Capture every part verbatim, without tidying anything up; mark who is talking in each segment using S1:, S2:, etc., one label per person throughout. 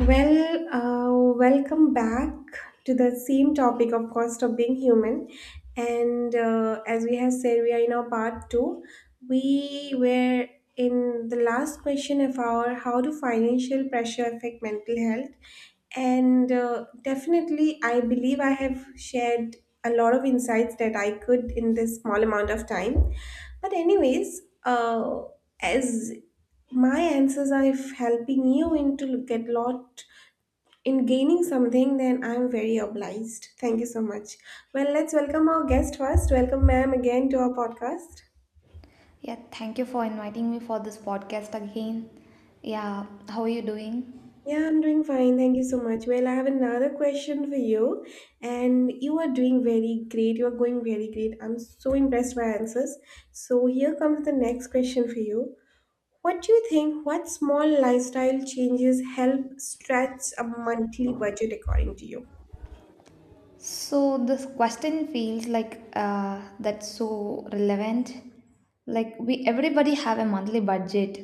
S1: Well, uh, welcome back to the same topic of cost of being human. And uh, As we have said, we are in our part two. We were in the last question of our how do financial pressure affect mental health? And uh, Definitely, I believe I have shared a lot of insights that I could in this small amount of time. But anyways, uh, as my answers are if helping you into look at lot in gaining something, then I'm very obliged. Thank you so much. Well, let's welcome our guest first. Welcome, ma'am, again to our podcast.
S2: Yeah, thank you for inviting me for this podcast again. Yeah, how are you doing?
S1: Yeah, I'm doing fine, thank you so much. Well, I have another question for you, and you are doing very great, you are going very great, I'm so impressed by your answers. So here comes the next question for you. What do you think, what small lifestyle changes help stretch a monthly budget according to you?
S2: So, this question feels like uh, that's so relevant. Like, we everybody have a monthly budget.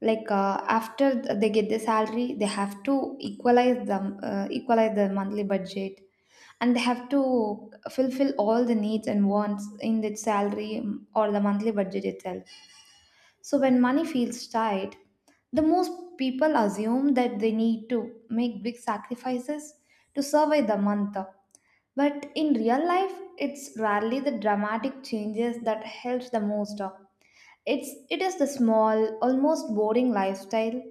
S2: Like, uh, after th- they get the salary, they have to equalize them, uh, equalize the monthly budget, and they have to fulfill all the needs and wants in the salary or the monthly budget itself. So when money feels tight, the most people assume that they need to make big sacrifices to survive the month. But in real life, it's rarely the dramatic changes that helps the most. It's it is the small, almost boring lifestyle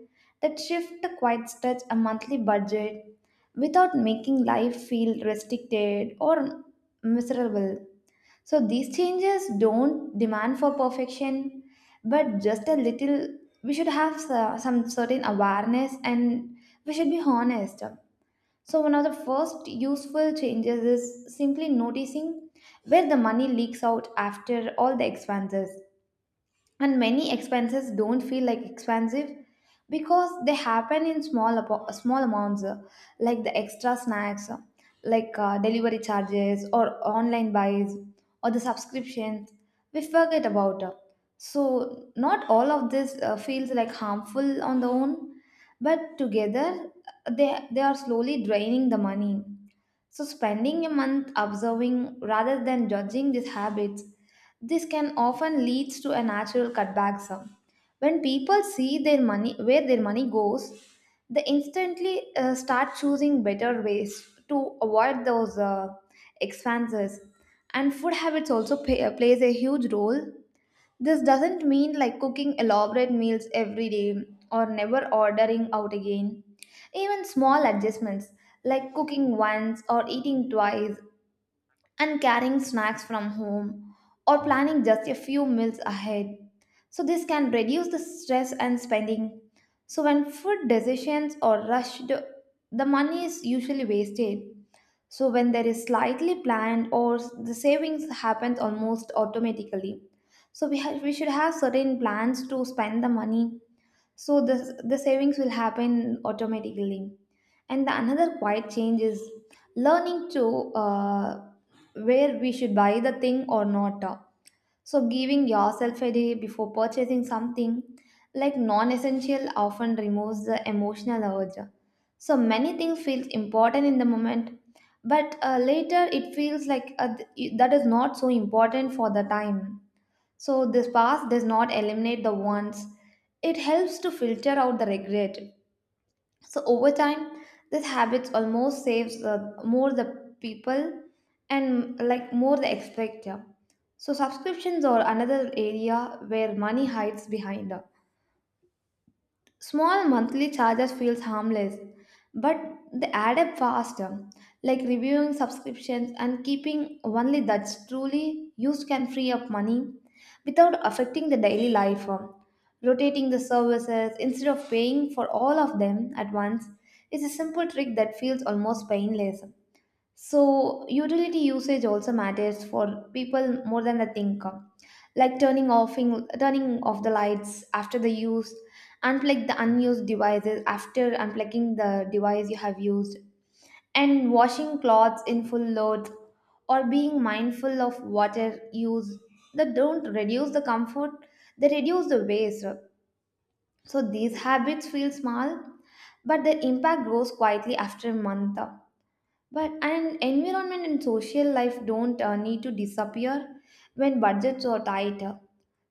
S2: that shift the quite stretch a monthly budget without making life feel restricted or miserable. So these changes don't demand for perfection, but just a little. We should have so- some certain awareness and we should be honest. So, one of the first useful changes is simply noticing where the money leaks out after all the expenses, and many expenses don't feel like expensive because they happen in small apo- small amounts, uh, like the extra snacks, uh, like uh, delivery charges or online buys or the subscriptions we forget about uh. So not all of this uh, feels like harmful on their own, but together, uh, they they are slowly draining the money. So, spending a month observing rather than judging these habits, this can often lead to a natural cutback sum. When people see their money, where their money goes, they instantly uh, start choosing better ways to avoid those uh, expenses. And food habits also pay, plays a huge role. This doesn't mean like cooking elaborate meals every day or never ordering out again. Even small adjustments like cooking once or eating twice and carrying snacks from home or planning just a few meals ahead. So, this can reduce the stress and spending. So, when food decisions are rushed, the money is usually wasted. So when there is slightly planned or s- the savings happens almost automatically. So we have, we should have certain plans to spend the money. So the the savings will happen automatically. And the another quiet change is learning to, uh, where we should buy the thing or not. So, giving yourself a day before purchasing something like non essential often removes the emotional urge. So, many things feel important in the moment, but uh, later it feels like uh, th- that is not so important for the time. So, this past does not eliminate the wants, it helps to filter out the regret. So over time, this habit almost saves uh, more the people and like more the expector. So subscriptions are another area where money hides behind. Small monthly charges feels harmless, but they add up faster. Like reviewing subscriptions and keeping only that's truly used can free up money without affecting the daily life. Rotating the services instead of paying for all of them at once is a simple trick that feels almost painless. So, utility usage also matters for people more than they think. Like turning off turning off the lights after the use, unplug the unused devices after unplugging the device you have used, and washing clothes in full load or being mindful of water use, that don't reduce the comfort, they reduce the waste. So these habits feel small, but their impact grows quietly after a month. But and environment and social life don't uh, need to disappear when budgets are tight.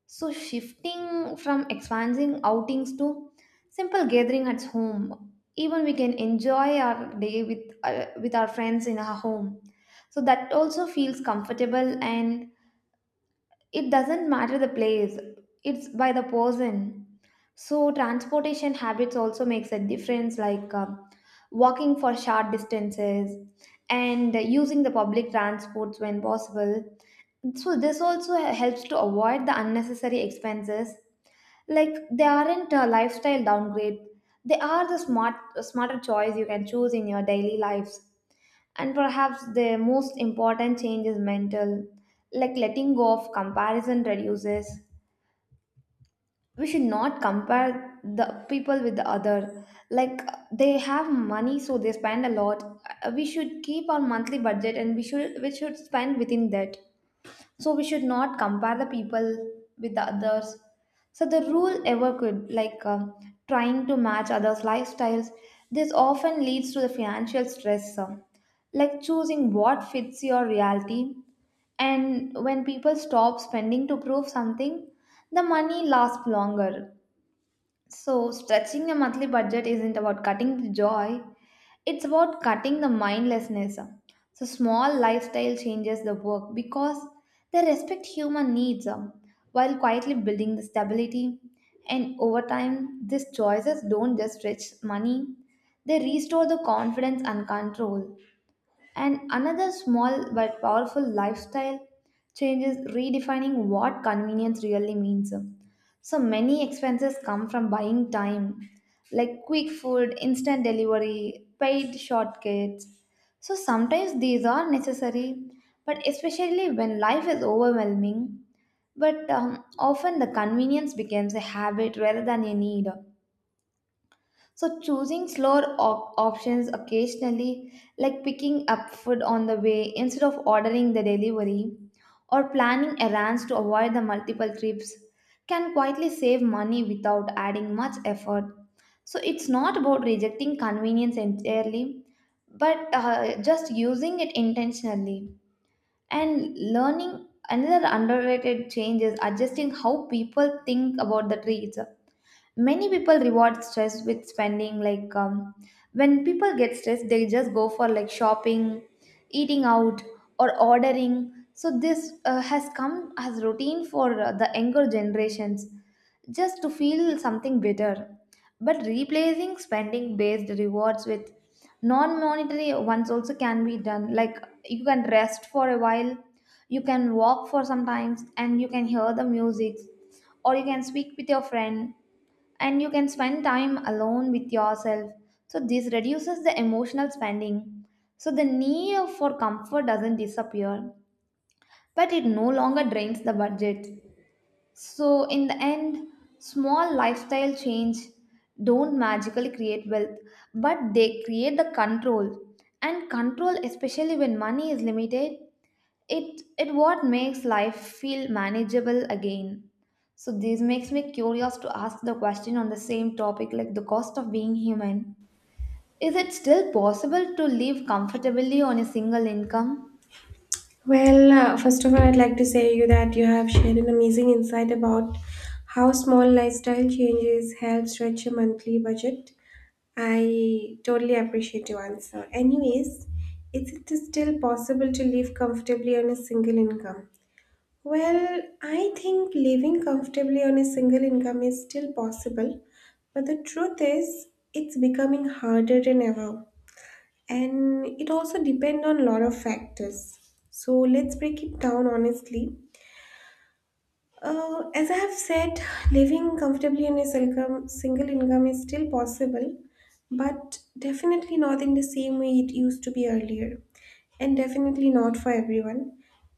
S2: So shifting from expansive outings to simple gathering at home, even we can enjoy our day with uh, with our friends in our home. So that also feels comfortable, and it doesn't matter the place, it's by the person. So transportation habits also makes a difference, like, uh, walking for short distances and using the public transports when possible. So this also helps to avoid the unnecessary expenses, like they aren't a lifestyle downgrade, they are the smart smarter choice you can choose in your daily lives. And perhaps the most important change is mental, like letting go of comparison reduces. We should not compare the people with the other. Like, they have money, so they spend a lot. Uh, We should keep our monthly budget, and we should we should spend within that. So we should not compare the people with the others. So the rule ever could like, um, trying to match others lifestyles, this often leads to the financial stress. Um, like choosing what fits your reality, and when people stop spending to prove something, the money lasts longer. So stretching a monthly budget isn't about cutting the joy, it's about cutting the mindlessness. So small lifestyle changes the work because they respect human needs, um, while quietly building the stability. And over time, these choices don't just stretch money, they restore the confidence and control. And another small but powerful lifestyle change is redefining what convenience really means. So many expenses come from buying time, like quick food, instant delivery, paid shortcuts. So sometimes these are necessary, but especially when life is overwhelming. But um, often the convenience becomes a habit rather than a need. So choosing slower op- options occasionally, like picking up food on the way instead of ordering the delivery, or planning errands to avoid the multiple trips, can quietly save money without adding much effort. So it's not about rejecting convenience entirely, but uh, just using it intentionally. And learning another underrated change is adjusting how people think about the treats. Many people reward stress with spending, like, um, when people get stressed they just go for like shopping, eating out, or ordering. So this uh, has come as routine for uh, the younger generations, just to feel something better. But replacing spending based rewards with non monetary ones also can be done, like you can rest for a while, you can walk for some times, and you can hear the music, or you can speak with your friend, and you can spend time alone with yourself. So, this reduces the emotional spending. So, the need for comfort doesn't disappear, but it no longer drains the budget. So, in the end, small lifestyle change don't magically create wealth, but they create the control. And control, especially when money is limited, it it what makes life feel manageable again. So this makes me curious to ask the question on the same topic, like the cost of being human, is it still possible to live comfortably on a single income?
S1: Well, uh, first of all, I'd like to say you that you have shared an amazing insight about how small lifestyle changes help stretch a monthly budget. I totally appreciate your answer. Anyways, is it still possible to live comfortably on a single income? Well, I think living comfortably on a single income is still possible, but the truth is, it's becoming harder than ever, and it also depends on a lot of factors. So let's break it down honestly. Uh, as I have said, living comfortably in a single single income is still possible, but definitely not in the same way it used to be earlier, and definitely not for everyone.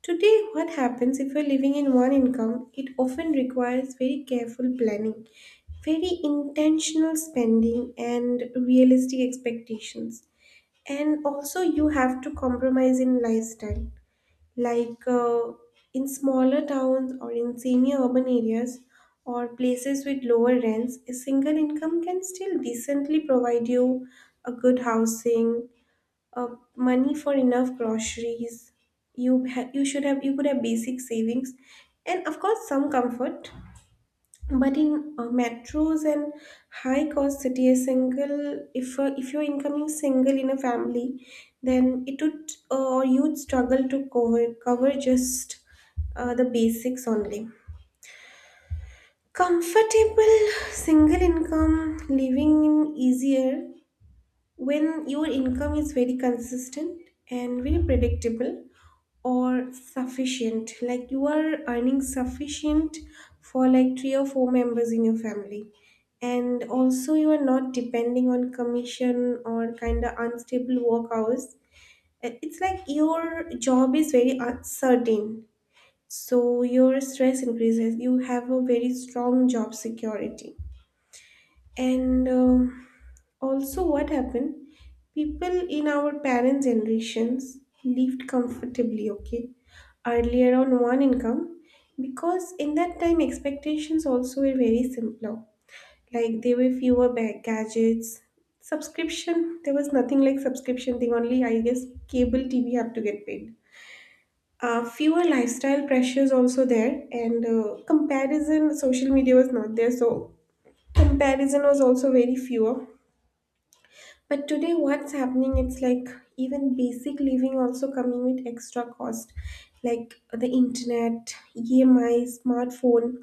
S1: Today, what happens if you're living in one income, it often requires very careful planning, very intentional spending, and realistic expectations. And also you have to compromise in lifestyle, like uh, in smaller towns or in semi urban areas or places with lower rents, a single income can still decently provide you a good housing, uh, money for enough groceries. You ha- you should have, you could have basic savings and of course some comfort. But in uh, metros and high cost city, a single, if uh, if your income is single in a family, then it would uh, or you'd struggle to cover cover just uh, the basics only. Comfortable single income living in easier when your income is very consistent and very predictable or sufficient, like you are earning sufficient for like three or four members in your family, and also you are not depending on commission or kind of unstable work hours. It- it's like your job is very uncertain, so your stress increases. You have a very strong job security. And um also what happened, people in our parents generations lived comfortably, okay, earlier on one income, because in that time expectations also were very simpler. Like there were fewer bag gadgets, subscription, there was nothing like subscription thing only, I guess. Cable TV have to get paid. Uh, fewer lifestyle pressures also there, and uh, comparison, social media was not there, so comparison was also very fewer. But today, what's happening? It's like even basic living also coming with extra cost, like the internet, E M I, smartphone,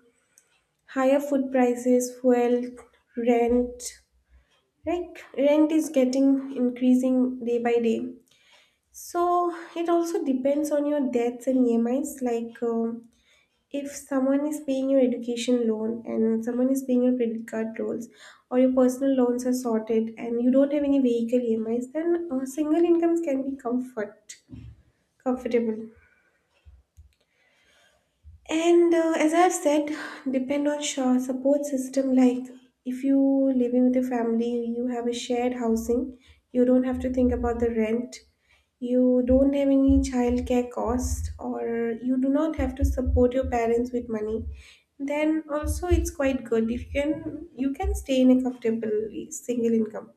S1: higher food prices, fuel, rent. Like rent is getting increasing day by day. So it also depends on your debts and E M Is. Like um if someone is paying your education loan and someone is paying your credit card loans, or your personal loans are sorted and you don't have any vehicle E M Is, then uh, single incomes can be comfort comfortable. And uh, as I've said, depend on sure support system. Like if you living with a family, you have a shared housing. You don't have to think about the rent. You don't have any childcare cost, or you do not have to support your parents with money. Then also, it's quite good if you can you can stay in a comfortable single income.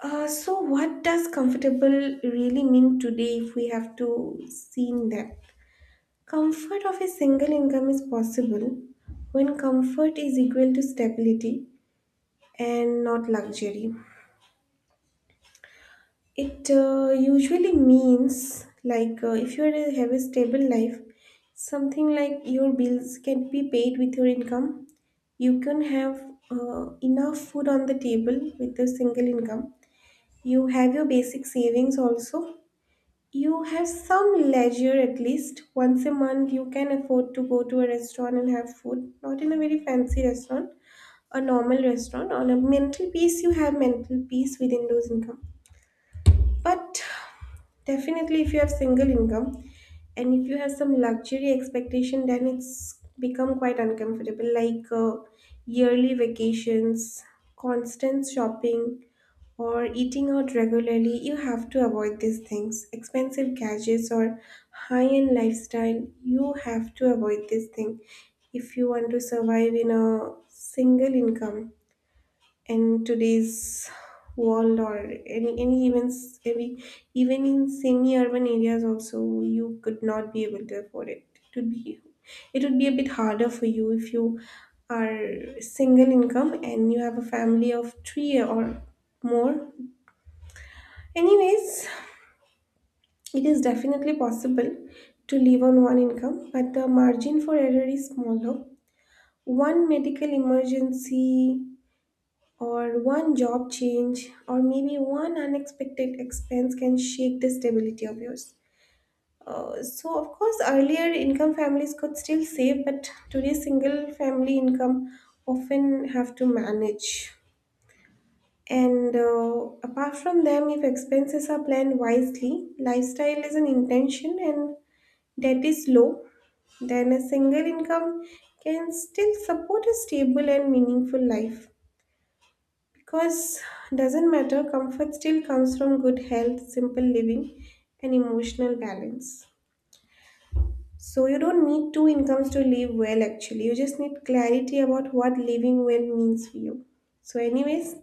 S1: Uh, so what does comfortable really mean today if we have to see in that? Comfort of a single income is possible when comfort is equal to stability and not luxury. It uh, usually means like uh, if you are- have a stable life, something like your bills can be paid with your income. You can have uh, enough food on the table with your single income. You have your basic savings also. You have some leisure at least. Once a month, you can afford to go to a restaurant and have food. Not in a very fancy restaurant, a normal restaurant. On a mental peace, you have mental peace within those income. But definitely, if you have single income and if you have some luxury expectation, then it's become quite uncomfortable, like uh, yearly vacations, constant shopping, or eating out regularly. You have to avoid these things. Expensive gadgets or high end lifestyle, you have to avoid this thing if you want to survive in a single income in today's world. Or any any events, every, even in semi-urban areas also you could not be able to afford it. It would be, it would be a bit harder for you if you are single income and you have a family of three or more. Anyways, it is definitely possible to live on one income, but the margin for error is smaller. One medical emergency or one job change or maybe one unexpected expense can shake the stability of yours. Uh, so, of course, earlier income families could still save, but today single family income often have to manage. And uh, apart from them, if expenses are planned wisely, lifestyle is an intention, and debt is low, then a single income can still support a stable and meaningful life. Because doesn't matter, comfort still comes from good health, simple living, and emotional balance. So you don't need two incomes to live well actually. You just need clarity about what living well means for you. So anyways,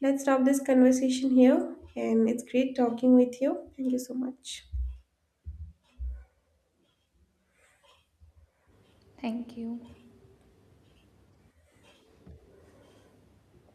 S1: let's stop this conversation here, and it's great talking with you. Thank you so much.
S2: Thank you.